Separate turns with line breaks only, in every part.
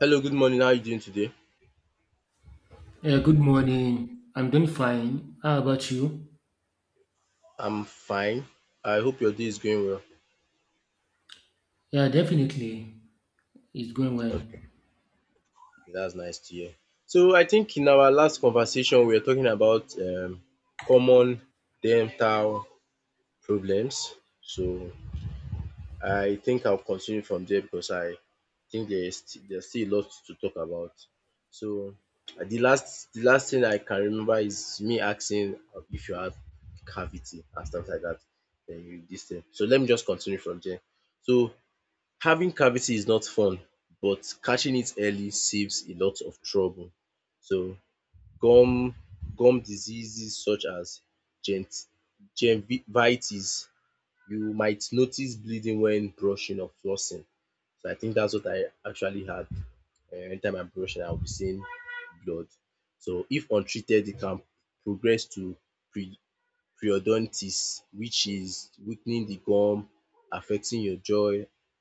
Hello, good morning. How are you doing today?
Yeah, good morning. I'm doing fine. How about you?
I'm fine. I hope your day is going well.
Yeah, definitely. It's going well.
Okay, that's nice to hear. So I think in our last conversation we were talking about common dental problems. So I think I'll continue from there because I think there's still a lot to talk about. So the last thing I can remember is me asking if you have cavity and stuff like that. Then you this thing. So let me just continue from there. So having cavity is not fun, but catching it early saves a lot of trouble. So gum gum diseases such as gent, gingivitis, you might notice bleeding when brushing or flossing. So I think that's what I actually had. Anytime I'm brushing, I'll be seeing blood. So if untreated, it can progress to pre periodontitis, which is weakening the gum, affecting your jaw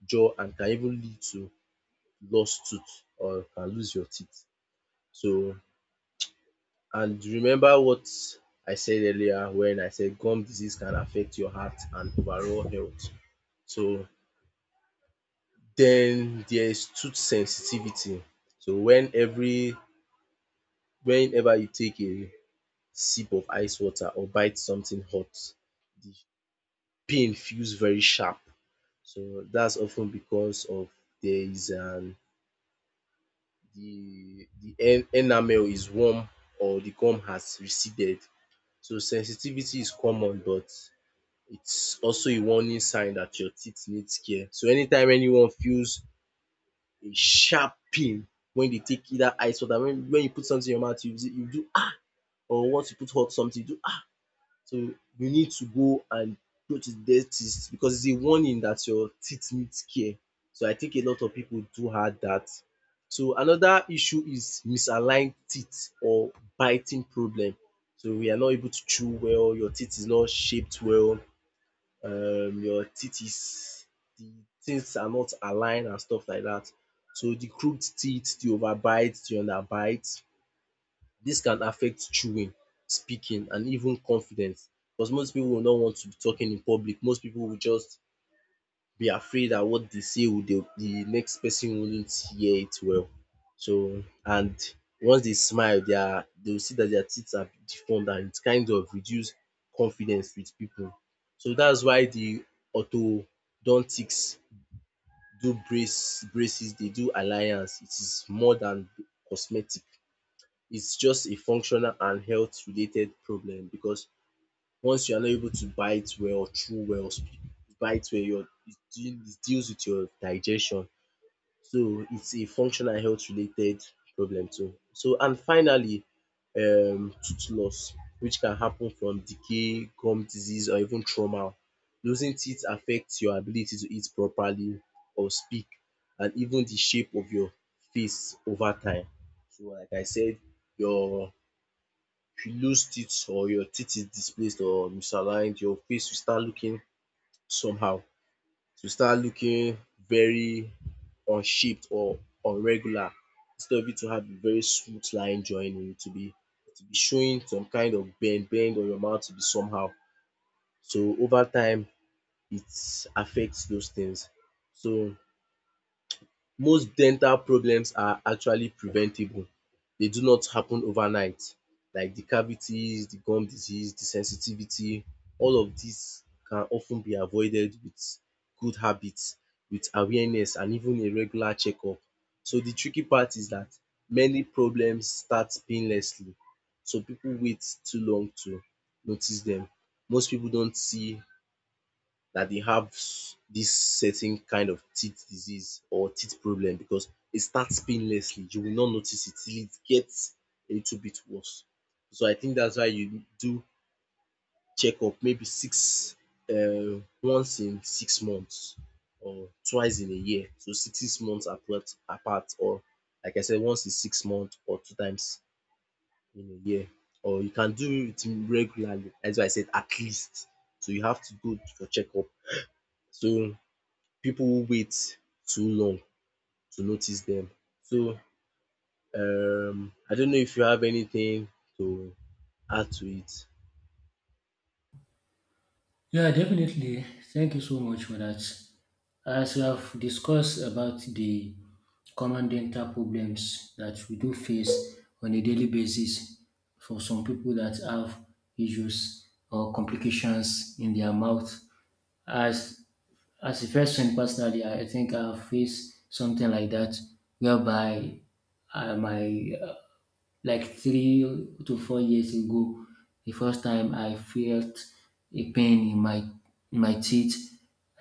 jaw and can even lead to lost tooth or can lose your teeth. So and remember what I said earlier when I said gum disease can affect your heart and overall health. So then there is tooth sensitivity. So when every Whenever you take a sip of ice water or bite something hot, the pain feels very sharp. So that's often because of there is an the enamel is warm or the gum has receded. So sensitivity is common, but it's also a warning sign that your teeth needs care. So anytime anyone feels a sharp pain when they take either ice water, when you put something in your mouth you do ah, or once you put hot something you do, so you need to go to dentist, because it's a warning that your teeth needs care. So I think a lot of people do have that. So another issue is misaligned teeth or biting problem. So we are not able to chew well, your teeth is not shaped well, your teeth is the things are not aligned and stuff like that. So the crooked teeth, the overbite, the underbite, dis can affect chewing, speaking and even confidence, because most pipu will not want to be talking in public. Most pipu will just be afraid dat what dey say will dey de next person wouldn't hear it well. So and once dey smile their dey will see dat their teeth are deformed and it kind of reduce confidence with pipu. So dats why de orthodontics do braces, dey do alliance. It is more than cosmetic. It's just a functional and health related problem, because once you are not able to bite well, chew well, your it deals with your digestion. So it's a functional health related problem too. So and finally tooth loss, which can happen from decay, gum disease or even trauma. Losing teeth affects your ability to eat properly or speak and even the shape of your face over time. So like I said, your If you lose teeth or your teeth is displaced or misaligned, your face will start looking somehow. It will start looking very unshaped or irregular. Instead of it to have a very smooth line joining, it will be showing some kind of bend or your mouth will be somehow. So over time, it affects those things. So most dental problems are actually preventable. They do not happen overnight, like the cavities, the gum disease, the sensitivity. All of these can often be avoided with good habits, with awareness and even a regular checkup. So the tricky part is that many problems start painlessly, so people wait too long to notice them. Most people don't see that they have this certain kind of teeth disease or teeth problem, because it starts painlessly. You will not notice it till it gets a little bit worse. So I think that's why you do checkup maybe six once in 6 months or twice in a year. So six months apart or like I said once in 6 months or two times in a year. Or you can do it regularly. That's why I said at least. So you have to go for checkup. So people wait too long to notice them. So I don't know if you have anything to add to it.
Yeah, definitely. Thank you so much for that. As we have discussed about the common dental problems that we do face on a daily basis for some people that have issues or complications in their mouth. As as a person personally, I think I've faced something like that whereby my like 3 to 4 years ago, the first time I felt a pain in my teeth.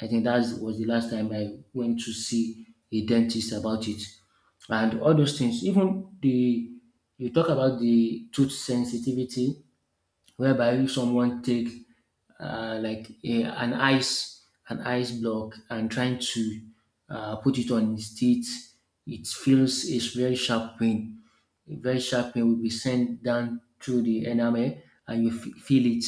I think that was the last time I went to see a dentist about it. And all those things, even the you talk about the tooth sensitivity, whereby if someone take like a, an ice block and trying to put it on his teeth, it feels a very sharp pain will be sent down through the enamel and you feel it.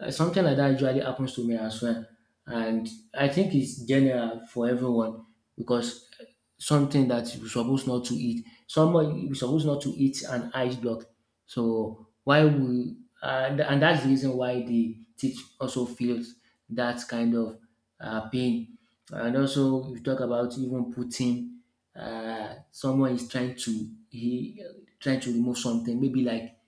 Something like that usually happens to me as well. And I think it's general for everyone because something that you're supposed not to eat, someone you're supposed not to eat an ice block. So why we and that's the reason why the teeth also feels that kind of pain. And also, you talk about even putting someone is trying to he trying to remove something, maybe like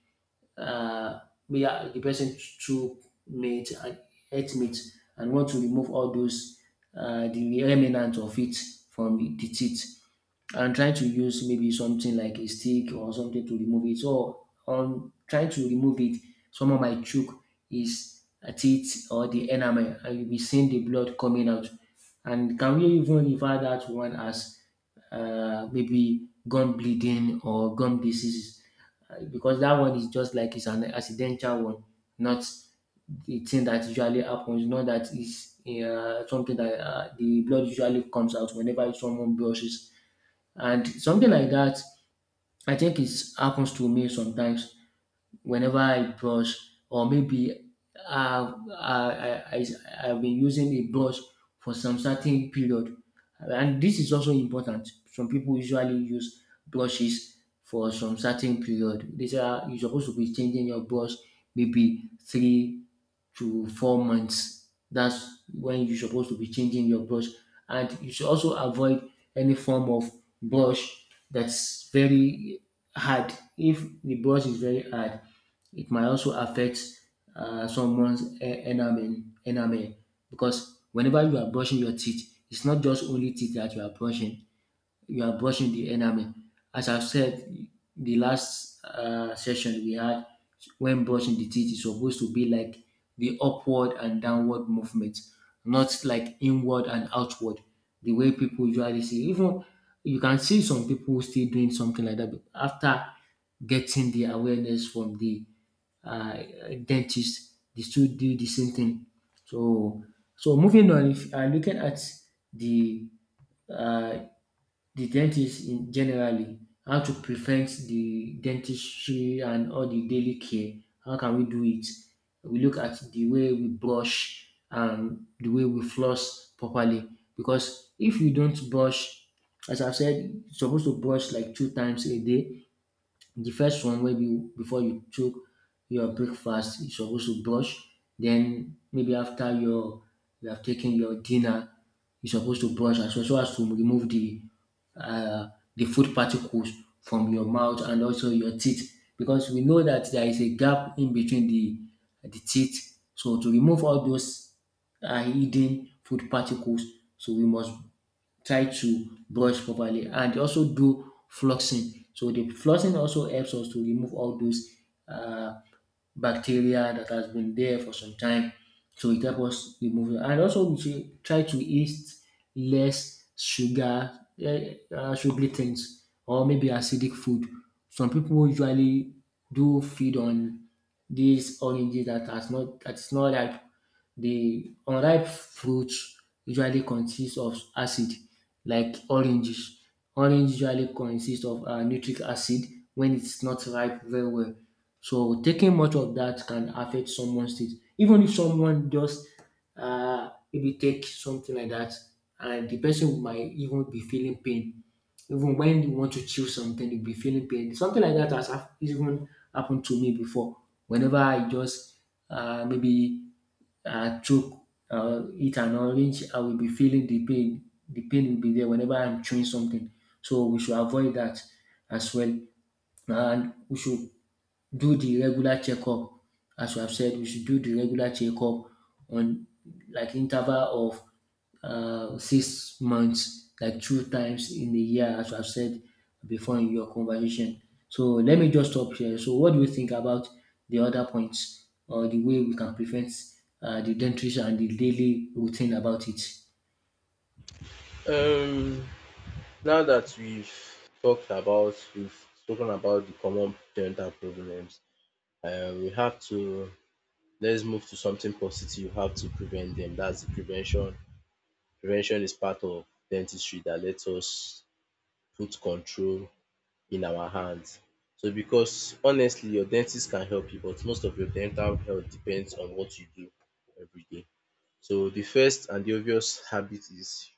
uh, maybe the person threw meat and ate meat and want to remove all those the remnant of it from the teeth. I'm trying to use maybe something like a stick or something to remove it. So on trying to remove it, some of my might is his teeth or the enamel, and you'll be seeing the blood coming out. And can we even refer that one as maybe gum bleeding or gum disease? Because that one is just like it's an accidental one, not the thing that usually happens. Not that it's something that the blood usually comes out whenever someone brushes and something like that, I think it happens to me sometimes whenever I brush or maybe uh, I, I, I, I've been using a brush for some certain period. And this is also important. Some people usually use brushes for some certain period. These are you're supposed to be changing your brush maybe 3 to 4 months. That's when you're supposed to be changing your brush. And you should also avoid any form of brush that's very hard. If the brush is very hard, it might also affect someone's enamel because whenever you are brushing your teeth, it's not just only teeth that you are brushing the enamel. As I've said, the last session we had, when brushing the teeth is supposed to be like the upward and downward movement, not like inward and outward. The way people usually see, even you can see some people still doing something like that, but after getting the awareness from the uh, dentist, they still do the same thing. So, so moving on, if looking at the uh, the dentist in generally, how to prevent the dentistry and all the daily care. How can we do it? We look at the way we brush and the way we floss properly. Because if you don't brush, as I've said, you're supposed to brush like 2 times a day. The first one, maybe before you took your breakfast, you're supposed to brush. Then maybe after you have taken your dinner, you're supposed to brush as well, so as to remove uh, the food particles from your mouth and also your teeth, because we know that there is a gap in between the teeth. So to remove all those are hidden food particles, so we must try to brush properly and also do flossing. So the flossing also helps us to remove all those uh, bacteria that has been there for some time. So it helps us remove it. And also we should try to eat less sugar, sugary things or maybe acidic food. Some people usually do feed on these oranges that has not that's not ripe. The unripe fruits usually consist of acid, like oranges. Orange usually consist of nitric acid when it's not ripe very well. So taking much of that can affect someone's teeth. Even if someone just maybe take something like that, and the person might even be feeling pain. Even when you want to chew something, you'll be feeling pain. Something like that has even happened to me before. Whenever I just maybe choke eat an orange, I will be feeling the pain. The pain will be there whenever I'm chewing something. So we should avoid that as well. And we should do the regular checkup. As you have said, we should do the regular checkup on like interval of 6 months, like 2 times in a year, as you have said before in your conversation. So let me just stop here. So what do you think about the other points or the way we can prevent the dentist and the daily routine about it?
Um Now that we've spoken about the common parental problems, we have to let's move to something positive. You have to prevent them. That's the prevention. Prevention is part of dentistry that lets us put control in our hands. So because honestly your dentist can help you, but most of your dental health depends on what you do everyday. So the first and the obvious habit is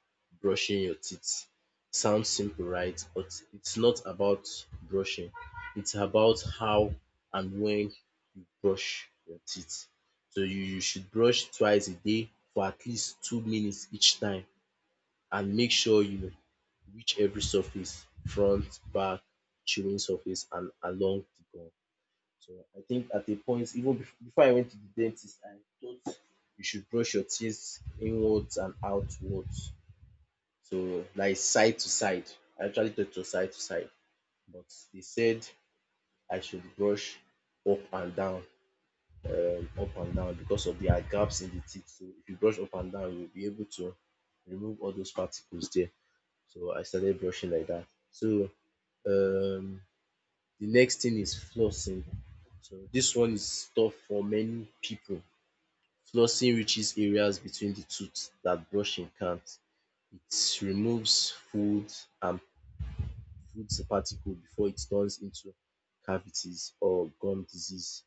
brushing your teeth. Sounds simple, right? But it's not about brushing, it's about how and when you brush your teeth. So you should brush twice a day for at least 2 minutes each time and make sure you reach every surface, front, back, chewing surface and along the gum. So I think at a point, even before I went to the dentist, I thought you should brush your teeth inwards and outwards. So like side to side. I actually thought it was side to side, but they said I should brush up and down, up and down, because of the gaps in the teeth. So if you brush up and down, you'll be able to remove all those particles there. So I started brushing like that. So um the next thing is flossing. So this one is tough for many people. Flossing reaches areas between the tooth that brushing can't. It removes food and food particles before it turns into cavities or gum disease.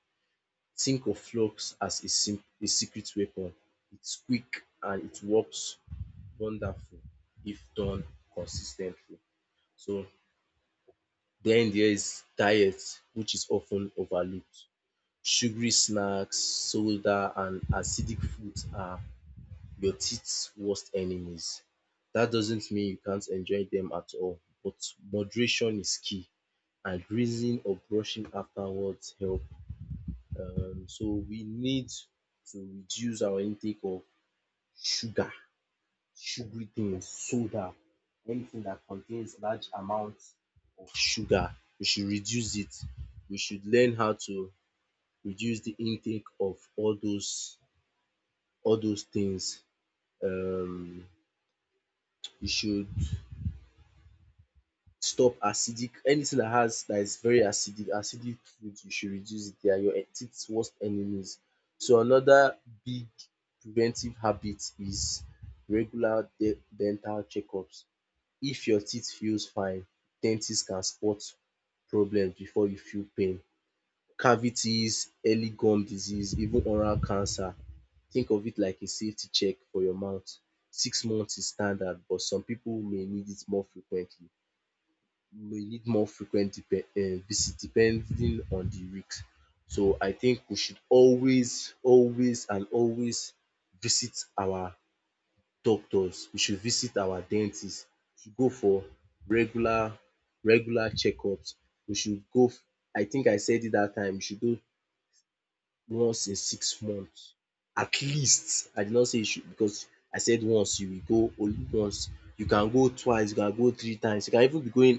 Think of floss as a secret weapon. It's quick and it works wonderful if done consistently. So then there is diet, which is often overlooked. Sugary snacks, soda, and acidic foods are your teeth's worst enemies. That doesn't mean you can't enjoy them at all, but moderation is key and reason of brushing afterwards help. So we need to reduce our intake of sugar sugary things, soda, anything that contains large amounts of sugar, we should reduce it. We should learn how to reduce the intake of all those things. Um we should stop acidic, anything that is very acidic foods, you should reduce it. They are your teeth's worst enemies. So another big preventive habit is regular de dental checkups. If your teeth feels fine, dentists can spot problem before you feel pain. Cavities, early gum disease, even oral cancer. Think of it like a safety check for your mouth. 6 months is standard, but some people may need it more frequently, may need more frequent visit depending on the risk. So I think we should always, always and always visit our doctors, we should visit our dentist, we should go for regular regular checkups. We should go f- I think I said it that time, we should go once in 6 months at least. I did not say you should, because I said once you will go only once. You can go twice, you can go three times, you can even be going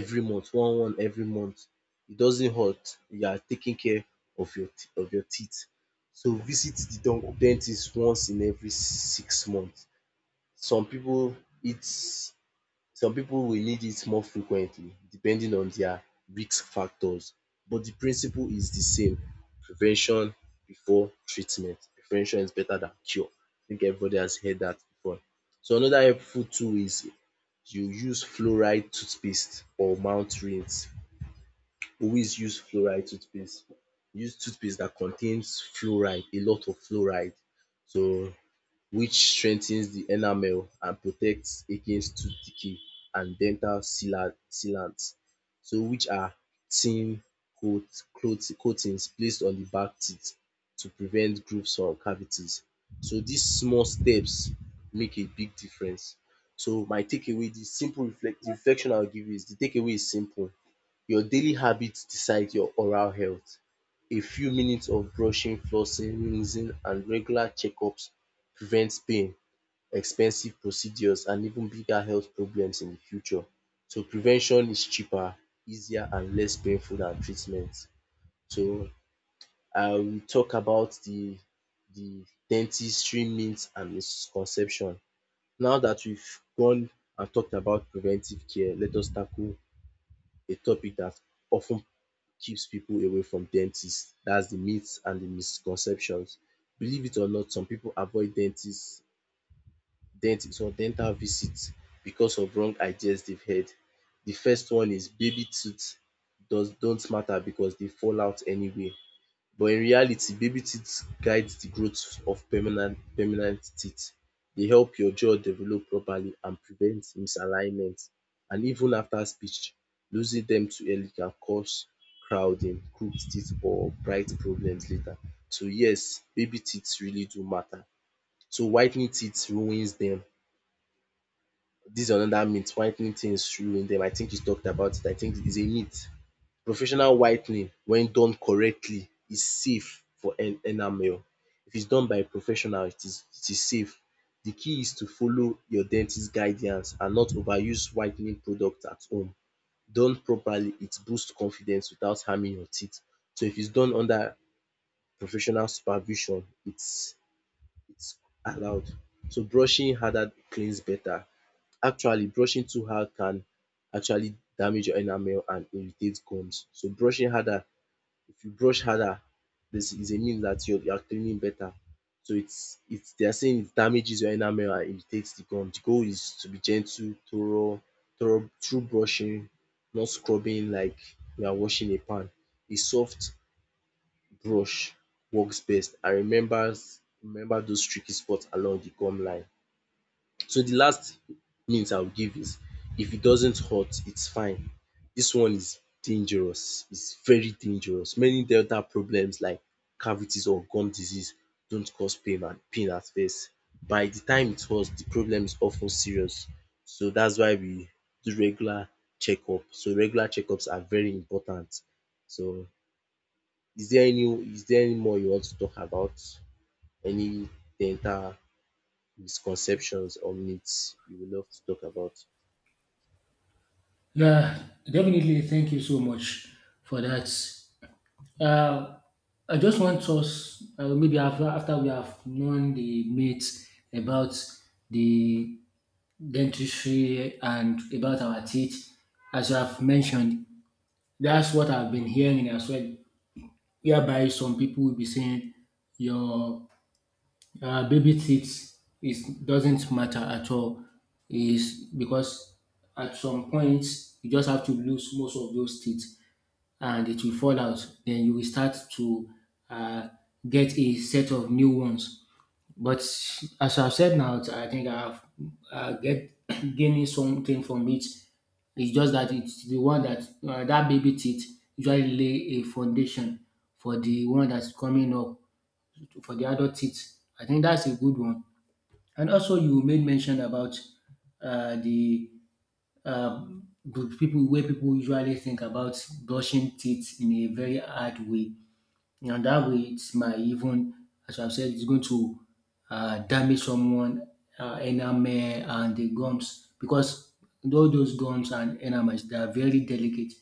every month, one every month. It doesn't hurt. You are taking care of of your teeth. So visit the dentist once in every 6 months. Some people, eat some people will need it more frequently depending on their risk factors, but the principle is the same. Prevention before treatment. Prevention is better than cure. I think everybody has heard that before. So another helpful tool is you use fluoride toothpaste or mouth rinse. Always use fluoride toothpaste. Use toothpaste that contains fluoride, a lot of fluoride. So which strengthens the enamel and protects against tooth decay and dental sealants. So which are thin coat coatings placed on the back teeth to prevent grooves from cavities. So these small steps make a big difference. So my takeaway, the simple reflect the reflection I will give you is the takeaway is simple. Your daily habits decide your oral health. A few minutes of brushing, flossing, rinsing and regular checkups prevents pain, expensive procedures and even bigger health problems in the future. So prevention is cheaper, easier and less painful than treatment. So I will talk about the dentistry myths and misconception. Now that we've gone and talked about preventive care, let us tackle a topic that often keeps people away from dentists. That's the myths and the misconceptions. Believe it or not, some people avoid dentists. Dentist or dental visit because of wrong ideas they've heard. The first one is baby teeth does don't matter because they fall out anyway. But in reality, baby teeth guides the growth of permanent teeth. They help your jaw develop properly and prevent misalignment and even after speech losing them too early can cause crowding, crooked teeth or bright problems later. So yes, baby teeth really do matter. So whitening teeth ruins them, this is another myth, whitening things through them. I think you talked about it. I think it's a myth. Professional whitening when done correctly is safe for enamel. If it's done by a professional, it is safe. The key is to follow your dentist guidance and not overuse whitening product at home. Done properly, it boosts confidence without harming your teeth. So if it's done under professional supervision, it's allowed. So brushing harder cleans better. Actually, brushing too hard can actually damage your enamel and irritate gums. So brushing harder, if you brush harder, this is a mean that you are cleaning better. So it's they are saying it damages your enamel and irritates the gum. The goal is to be gentle, thorough through brushing, not scrubbing like you are washing a pan. A soft brush works best and remember those tricky spots along the gum line. So the last hint I will give is if it doesn't hurt, it's fine. This one is dangerous, it's very dangerous. Many dental problems like cavities or gum disease don't cause pain at first. By the time it hurts, the problem is of ten serious. So that's why we do regular checkup. So regular checkups are very important. So is there any is there any more you want to talk about? Any dental misconceptions or myths you would love to talk about?
Yeah, definitely. Thank you so much for that. Uh, I just want us, maybe after we have known the myths about the dentistry and about our teeth, as you have mentioned, that's what I've been hearing as well. Whereby some people will be saying your baby teeth is doesn't matter at all, is because at some point you just have to lose most of those teeth and it will fall out. Then you will start to uh, get a set of new ones. But as I've said now, I think I've get gaining something from it. It's just that it's the one that baby teeth usually lay a foundation for the one that's coming up, for the adult teeth. I think that's a good one. And also, you made mention about uh, the the people, where people usually think about brushing teeth in a very hard way. And that way, it might even, as I've said, it's going to damage someone enamel and the gums, because all those gums and enamels, they are very delicate.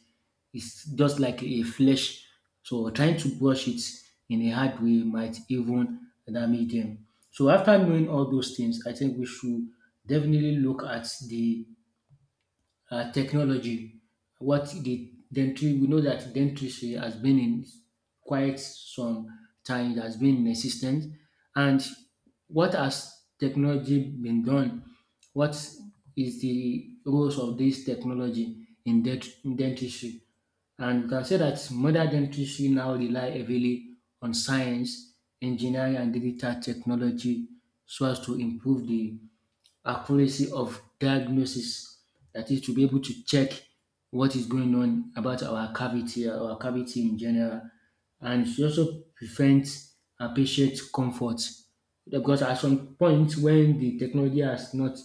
It's just like a flesh. So trying to brush it in a hard way might even damage them. So after knowing all those things, I think we should definitely look at the technology. What the dentistry, we know that dentistry has been in quite some time, it has been in existence. And what has technology been done? What is the roles of this technology in dentistry? And we can say that modern dentistry now rely heavily on science, engineering, and digital technology, so as to improve the accuracy of diagnosis, that is to be able to check what is going on about our cavity, in general. And she also prevents a patient comfort, because at some point when the technology has not,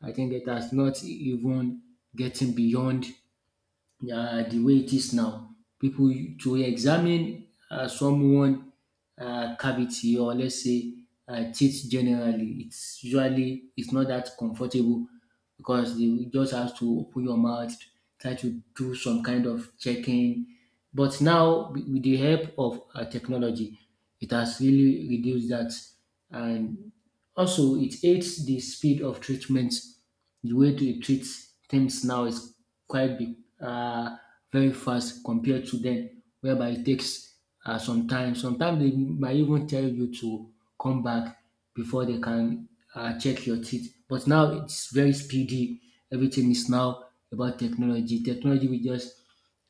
I think it has not even getting beyond the way it is now. People to examine someone cavity, or let's say teeth generally, it's usually it's not that comfortable because you just have to open your mouth, try to do some kind of checking. But now with the help of technology, it has really reduced that. And also, it aids the speed of treatments. The way to treat things now is quite big, very fast compared to then, whereby it takes some time. Sometimes they might even tell you to come back before they can check your teeth. But now it's very speedy. Everything is now about technology. Technology will just,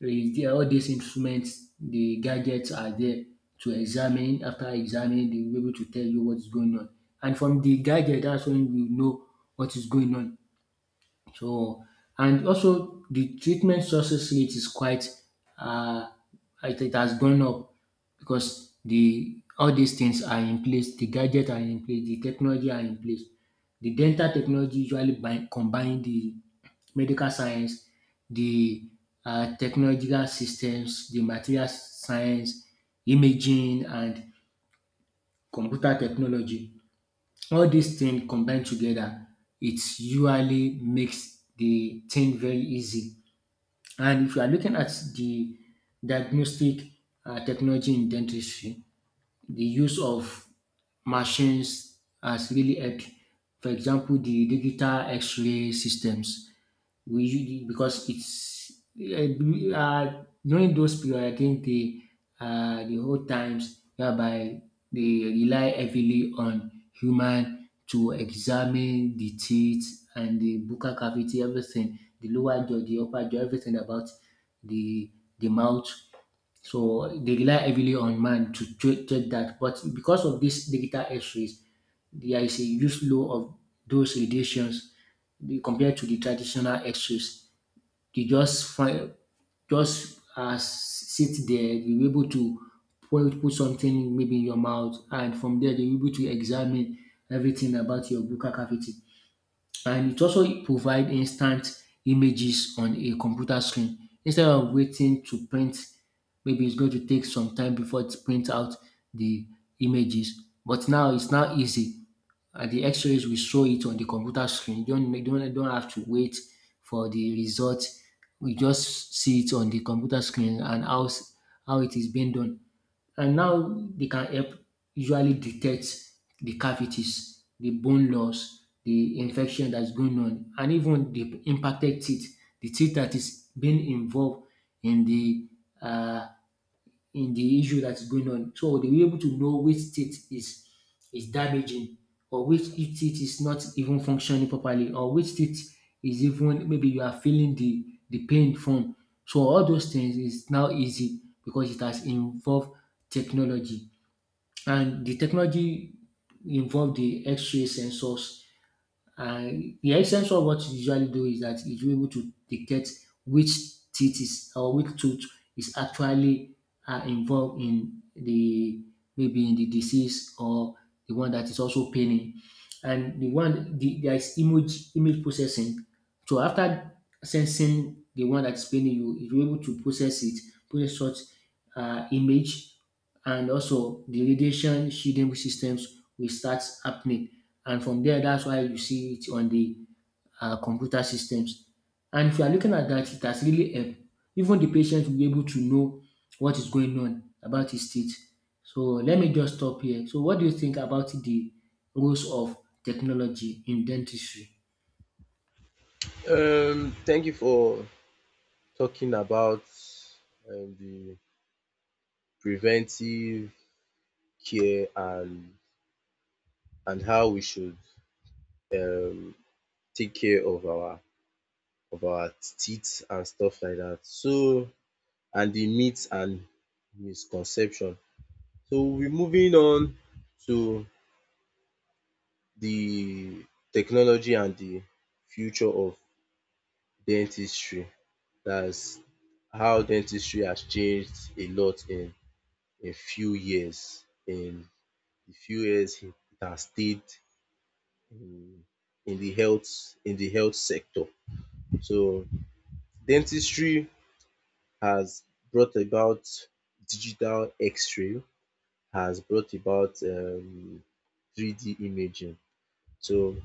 is there, all these instruments, the gadgets are there to examine. After examining, they will be able to tell you what's going on. And from the gadget, that's when you know what is going on. So, and also the treatment success rate is quite, uh, it has gone up, because the all these things are in place, the gadgets are in place, the technology are in place. The dental technology combine the medical science, the technological systems, the material science, imaging, and computer technology. All these things combined together, it usually makes the thing very easy. And if you are looking at the diagnostic technology in dentistry, the use of machines has really helped. For example, the digital X-ray systems, we usually, because it's during those period, I think the whole times whereby they rely heavily on human to examine the teeth and the buccal cavity, everything, the lower jaw, the upper jaw, everything about the the mouth. So they rely heavily on man to check that. But because of this digital X-rays, there is a huge low of those radiations compared to the traditional X-rays. They just find, just sit there, you're able to put something maybe in your mouth, and from there they're able to examine everything about your buccal cavity. And it also provide instant images on a computer screen, instead of waiting to print, maybe it's going to take some time before it prints out the images, but now it's now easy, and the x-rays will show it on the computer screen. You don't have to wait for the result, we just see it on the computer screen and how it is being done. And now they can help usually detect the cavities, the bone loss, the infection that's going on, and even the impacted teeth, the teeth that is being involved in the uh, in the issue that is going on. So they will be able to know which state is damaging, or which state is not even functioning properly, or which state is even maybe you are feeling the pain from. So all those things is now easy because it has involved technology. And the technology involved the X-ray sensors, and the essence of what you usually do is that you're able to detect which teeth is or which tooth is actually involved in the, maybe in the disease, or the one that is also paining. And there is image processing, so after sensing the one that's paining you, you're able to process it, process such image, and also the radiation shielding systems will start happening. And from there, that's why you see it on the computer systems. And if you are looking at that, it has really helped. Even the patient will be able to know what is going on about his teeth. So let me just stop here. So what do you think about the roles of technology in dentistry?
Thank you for talking about the preventive care and how we should um, take care of our teeth and stuff like that. So and the myths and misconception. So we are moving on to the technology and the future of dentistry. That's how dentistry has changed a lot in a few years. In a few years it has stayed in in the health sector. So dentistry has brought about digital x-ray, has brought about three D imaging. So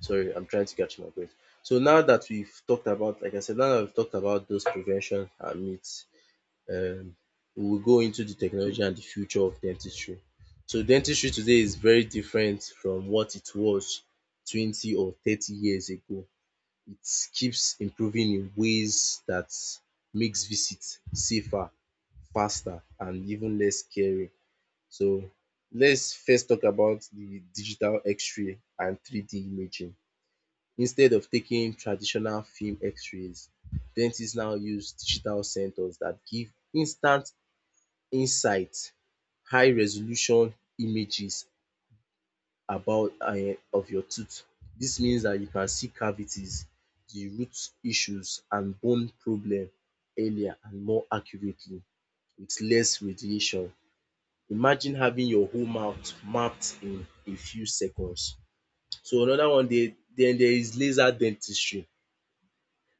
sorry, I'm trying to catch my breath. So now that we've talked about, like I said, now that we've talked about those prevention and myths, um we will go into the technology and the future of dentistry. So dentistry today is very different from what it was 20 or 30 years ago. It keeps improving in ways that makes visit safer, faster and even less scary. So let's first talk about the digital x-ray and three D imaging. Instead of taking traditional film x-rays, dentists now use digital sensors that give instant insight, high resolution images about of your tooth. Dis means dat you can see cavities, the root issues and bone problem earlier and more accurately with less radiation. Imagine having your whole mouth mapped in a few seconds. So another one dey, den there is laser dentistry.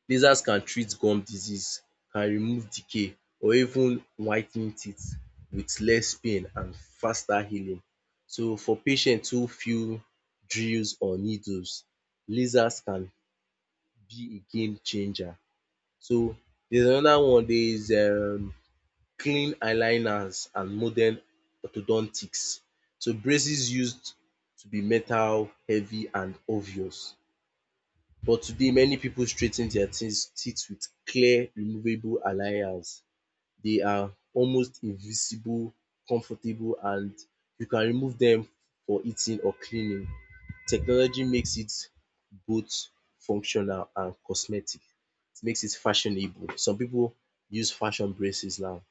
Lasers can treat gum disease, can remove decay or even white ten teeth with less pain and faster healing. So for patient who feel drills or needles, lasers can be a game changer. So there's another one, there is clean aligners and modern orthodontics. So braces used to be metal, heavy and obvious. But today, many people straighten their teeth with clear, removable aligners. They are almost invisible, comfortable, and you can remove them for eating or cleaning. Technology makes it both functional and cosmetic. It makes it fashionable. Some people use fashion braces now.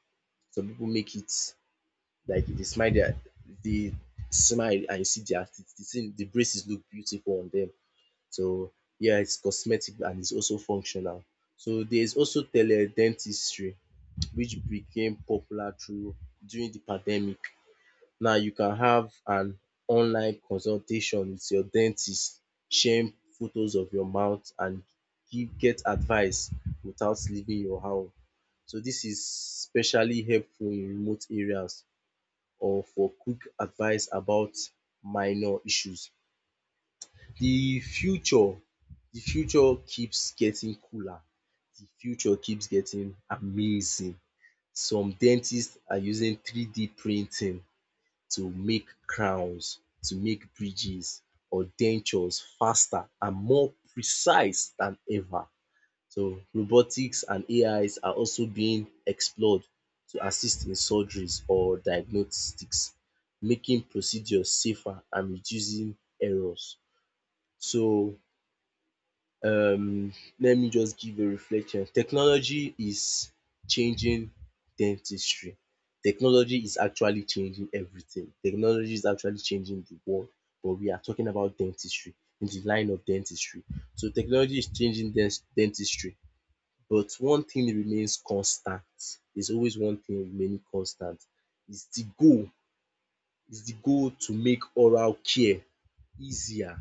Some people make it like if they smile their they smile and you see their teeth, the thing the braces look beautiful on them. So yeah, it's cosmetic and it's also functional. So there's also tele-dentistry which became popular through during the pandemic. Now you can have an online consultation with your dentist, sharing photos of your mouth and give get advice without leaving your home. So this is especially helpful in remote areas or for quick advice about minor issues. The future, the future keeps getting cooler, the future keeps getting amazing. Some dentists are using three D printing to make crowns, to make bridges or dentures faster and more precise than ever. So robotics and AIs are also being explored to assist in surgeries or diagnostics, making procedures safer and reducing errors. So um let me just give a reflection. Technology is changing dentistry. Technology is actually changing everything. Technology is actually changing the world but we are talking about dentistry in the line of dentistry. So technology is changing dentistry but one thing remains constant. There's always one thing remaining constant. It's the goal, it's the goal to make oral care easier,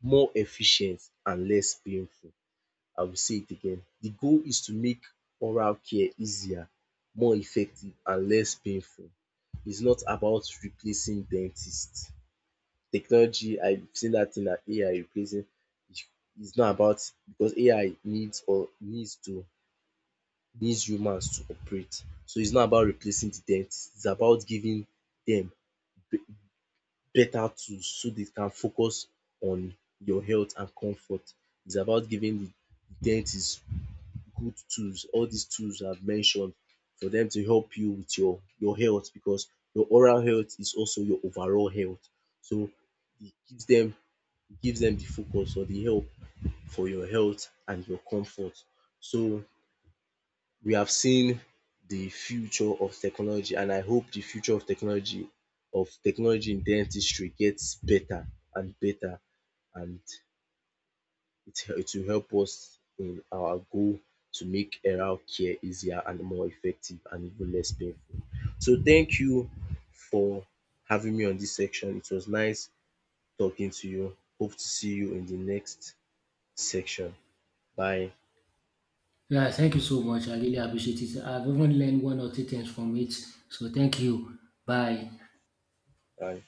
more efficient and less painful. I will say it again. The goal is to make oral care easier, more effective and less painful. It's not about replacing dentists. Technology, I've seen that thing na AI replacing. It's not about, because AI needs or needs humans to operate. So it's not about replacing the dentist. It's about giving dem better tools so they can focus on your health and comfort. It's about giving the dentist good tools, all these tools I've mentioned for them to help you with your health because your oral health is also your overall health. So it gives dem gives them the focus or the help for your health and your comfort. So we have seen the future of technology and I hope the future of technology in dentistry gets better and better and it will help us in our goal to make health care easier and more effective and even less painful. So thank you for having me on this section. It was nice talking to you. Hope to see you in the next section. Bye.
Yeah, thank you so much. I really appreciate it. I've even learned one or two things from it. So thank you. Bye.
Bye.